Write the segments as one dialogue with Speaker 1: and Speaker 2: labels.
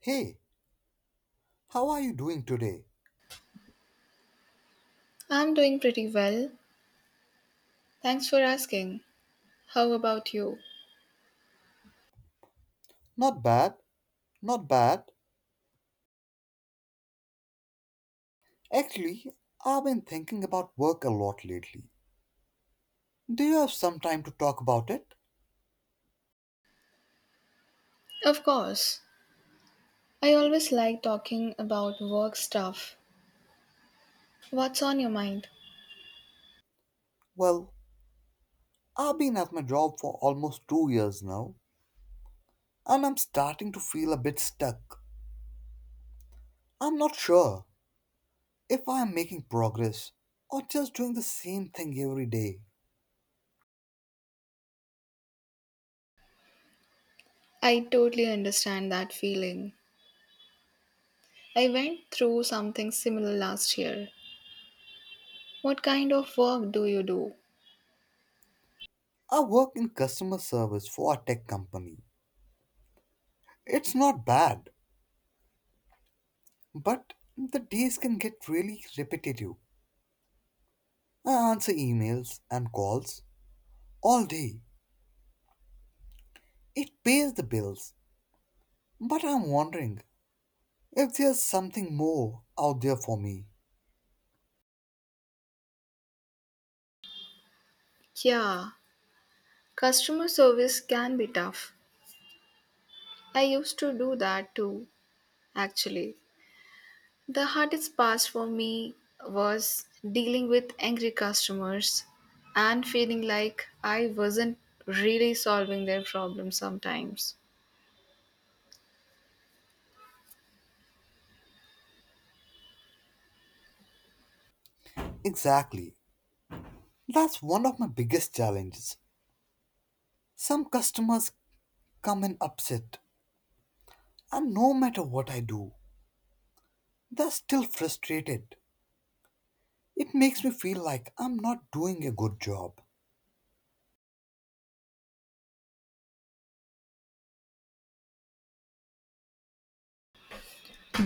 Speaker 1: Hey, how are you doing today?
Speaker 2: I'm doing pretty well. Thanks for asking. How about you?
Speaker 1: Not bad, not bad. Actually, I've been thinking about work a lot lately. Do you have some time to talk about it?
Speaker 2: Of course. I always like talking about work stuff. What's on your mind?
Speaker 1: Well, I've been at my job for almost 2 years now, and I'm starting to feel a bit stuck. I'm not sure if I'm making progress or just doing the same thing every day.
Speaker 2: I totally understand that feeling. I went through something similar last year. What kind of work do you do?
Speaker 1: I work in customer service for a tech company. It's not bad, but the days can get really repetitive. I answer emails and calls all day. It pays the bills. But I'm wondering if there's something more out there for me.
Speaker 2: Yeah, customer service can be tough. I used to do that too, actually. The hardest part for me was dealing with angry customers and feeling like I wasn't really solving their problems sometimes.
Speaker 1: Exactly. That's one of my biggest challenges. Some customers come in upset, and no matter what I do, they're still frustrated. It makes me feel like I'm not doing a good job.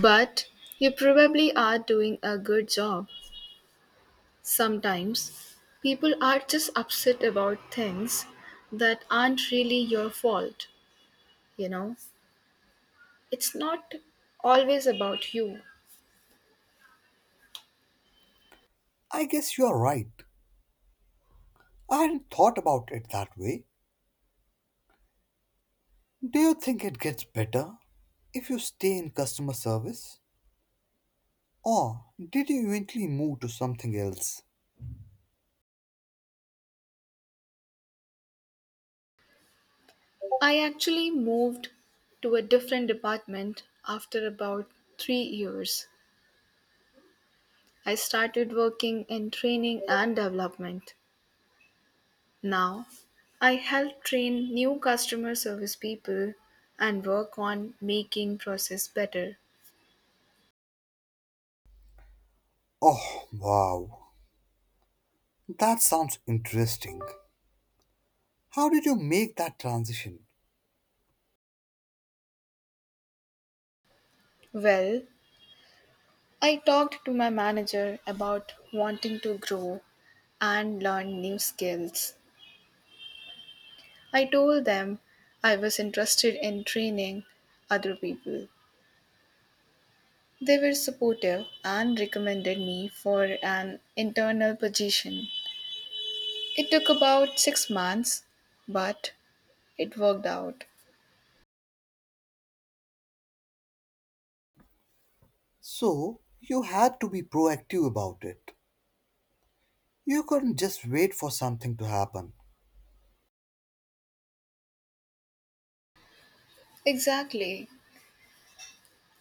Speaker 2: But you probably are doing a good job. Sometimes people are just upset about things that aren't really your fault, you know? It's not always about you.
Speaker 1: I guess you're right. I hadn't thought about it that way. Do you think it gets better if you stay in customer service? Or did you eventually move to something else?
Speaker 2: I actually moved to a different department after about 3 years. I started working in training and development. Now, I help train new customer service people and work on making process better.
Speaker 1: Oh, wow. That sounds interesting. How did you make that transition?
Speaker 2: Well, I talked to my manager about wanting to grow and learn new skills. I told them I was interested in training other people. They were supportive and recommended me for an internal position. It took about 6 months, but it worked out.
Speaker 1: So, you had to be proactive about it. You couldn't just wait for something to happen.
Speaker 2: Exactly.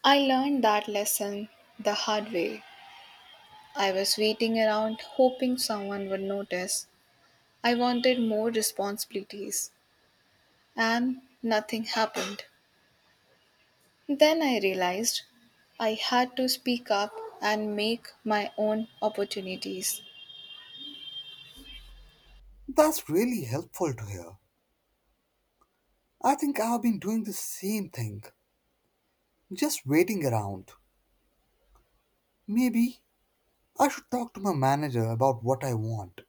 Speaker 2: I learned that lesson the hard way. I was waiting around hoping someone would notice. I wanted more responsibilities, and nothing happened. Then I realized I had to speak up and make my own opportunities.
Speaker 1: That's really helpful to hear. I think I've been doing the same thing, just waiting around. Maybe I should talk to my manager about what I want.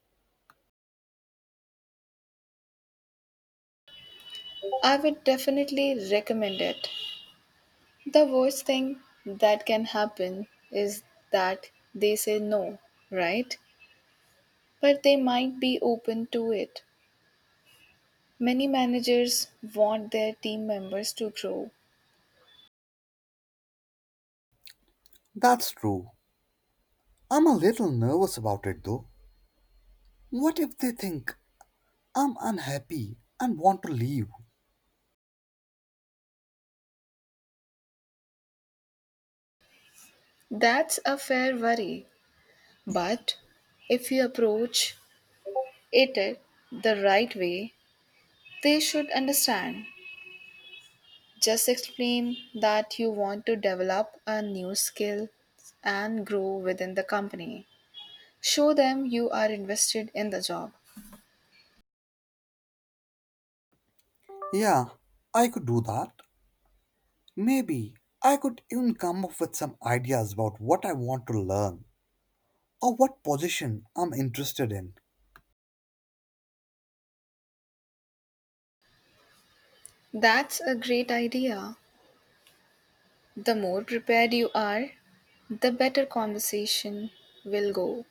Speaker 2: I would definitely recommend it. The worst thing that can happen is that they say no, right? But they might be open to it. Many managers want their team members to grow.
Speaker 1: That's true. I'm a little nervous about it though. What if they think I'm unhappy and want to leave?
Speaker 2: That's a fair worry. But if you approach it the right way, they should understand. Just explain that you want to develop a new skill and grow within the company. Show them you are invested in the job.
Speaker 1: Yeah, I could do that. Maybe I could even come up with some ideas about what I want to learn or what position I'm interested in.
Speaker 2: That's a great idea. The more prepared you are, the better conversation will go.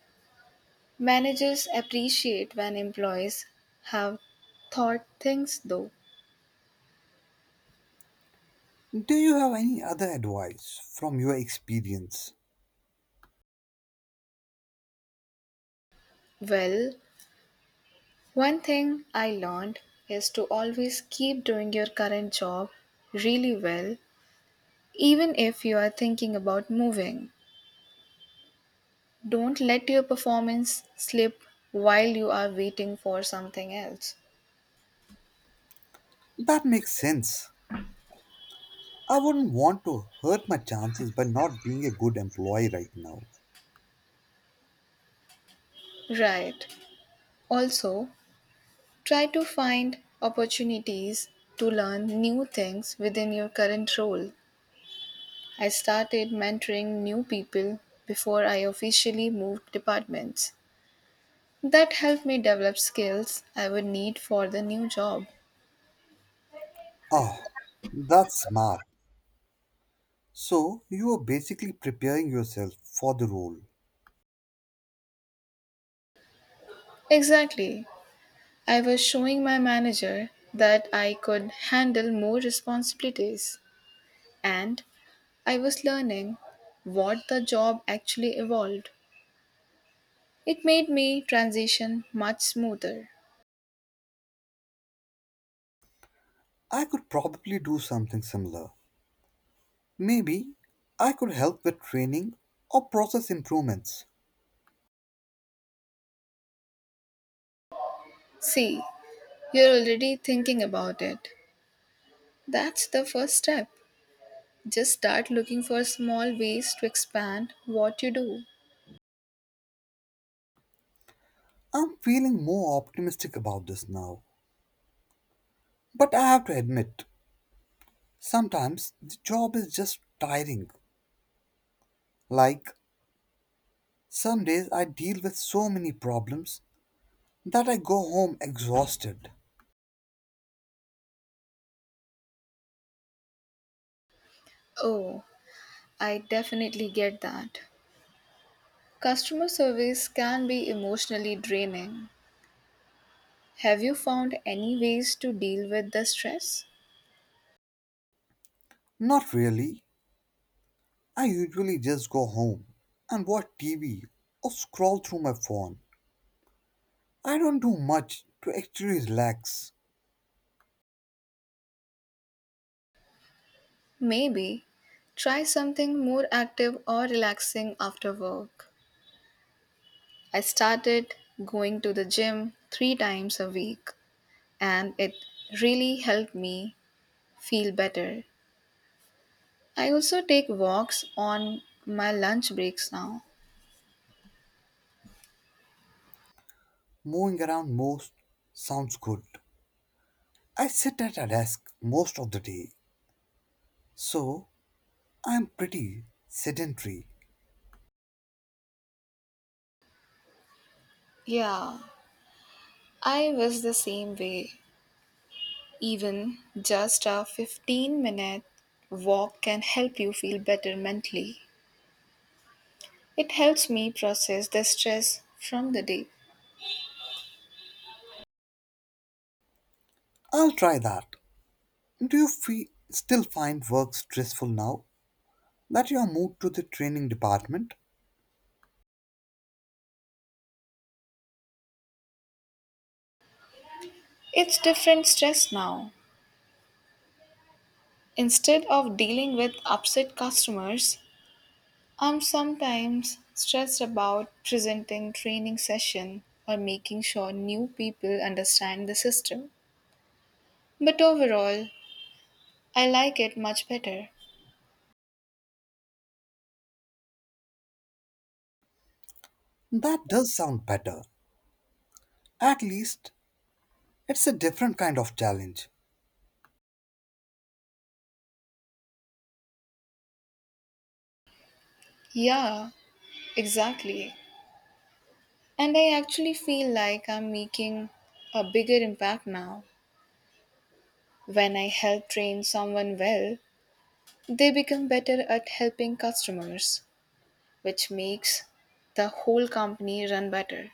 Speaker 2: Managers appreciate when employees have thought things though.
Speaker 1: Do you have any other advice from your experience?
Speaker 2: Well, one thing I learned is to always keep doing your current job really well, even if you are thinking about moving. Don't let your performance slip while you are waiting for something else.
Speaker 1: That makes sense. I wouldn't want to hurt my chances by not being a good employee right now.
Speaker 2: Right. Also, try to find opportunities to learn new things within your current role. I started mentoring new people before I officially moved departments. That helped me develop skills I would need for the new job.
Speaker 1: Oh, that's smart. So, you are basically preparing yourself for the role.
Speaker 2: Exactly. I was showing my manager that I could handle more responsibilities and I was learning what the job actually evolved. It made me transition much smoother.
Speaker 1: I could probably do something similar. Maybe I could help with training or process improvements.
Speaker 2: See, you're already thinking about it. That's the first step. Just start looking for small ways to expand what you do.
Speaker 1: I'm feeling more optimistic about this now. But I have to admit, sometimes the job is just tiring. Like, some days I deal with so many problems that I go home exhausted.
Speaker 2: Oh, I definitely get that. Customer service can be emotionally draining. Have you found any ways to deal with the stress?
Speaker 1: Not really, I usually just go home and watch TV or scroll through my phone. I don't do much to actually relax.
Speaker 2: Maybe try something more active or relaxing after work. I started going to the gym 3 times a week, and it really helped me feel better. I also take walks on my lunch breaks now.
Speaker 1: Moving around most sounds good. I sit at a desk most of the day, so I'm pretty sedentary.
Speaker 2: Yeah, I was the same way. Even just a 15-minute walk can help you feel better mentally. It helps me process the stress from the day.
Speaker 1: I'll try that. Do you still find work stressful now that you are moved to the training department?
Speaker 2: It's different stress now. Instead of dealing with upset customers, I'm sometimes stressed about presenting training session or making sure new people understand the system. But overall, I like it much better.
Speaker 1: That does sound better. At least it's a different kind of challenge.
Speaker 2: Yeah, exactly. And I actually feel like I'm making a bigger impact now. When I help train someone well, they become better at helping customers, which makes the whole company run better.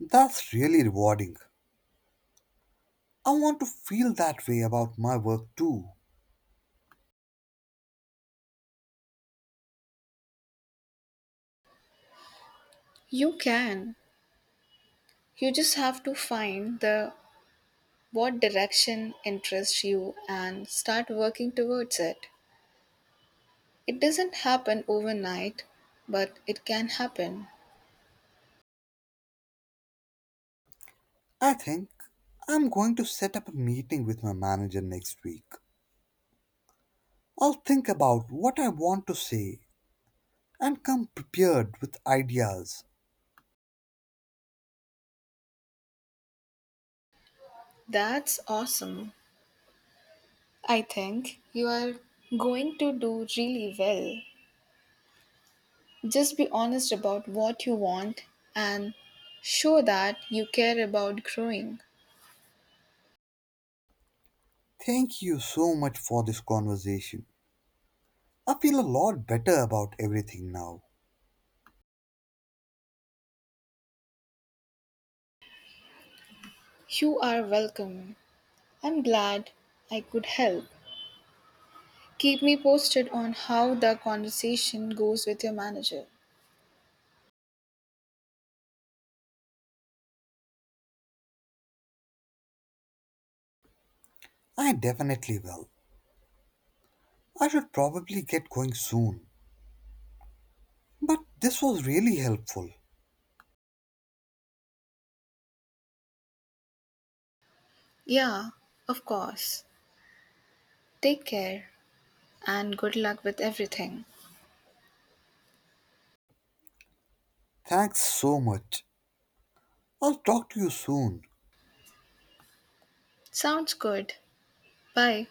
Speaker 1: That's really rewarding. I want to feel that way about my work too.
Speaker 2: You can. You just have to find the what direction interests you and start working towards it. It doesn't happen overnight, but it can happen.
Speaker 1: I think I'm going to set up a meeting with my manager next week. I'll think about what I want to say and come prepared with ideas.
Speaker 2: That's awesome. I think you are going to do really well. Just be honest about what you want and show that you care about growing.
Speaker 1: Thank you so much for this conversation. I feel a lot better about everything now.
Speaker 2: You are welcome. I'm glad I could help. Keep me posted on how the conversation goes with your manager.
Speaker 1: I definitely will. I should probably get going soon. But this was really helpful.
Speaker 2: Yeah, of course. Take care and good luck with everything.
Speaker 1: Thanks so much. I'll talk to you soon.
Speaker 2: Sounds good. Bye.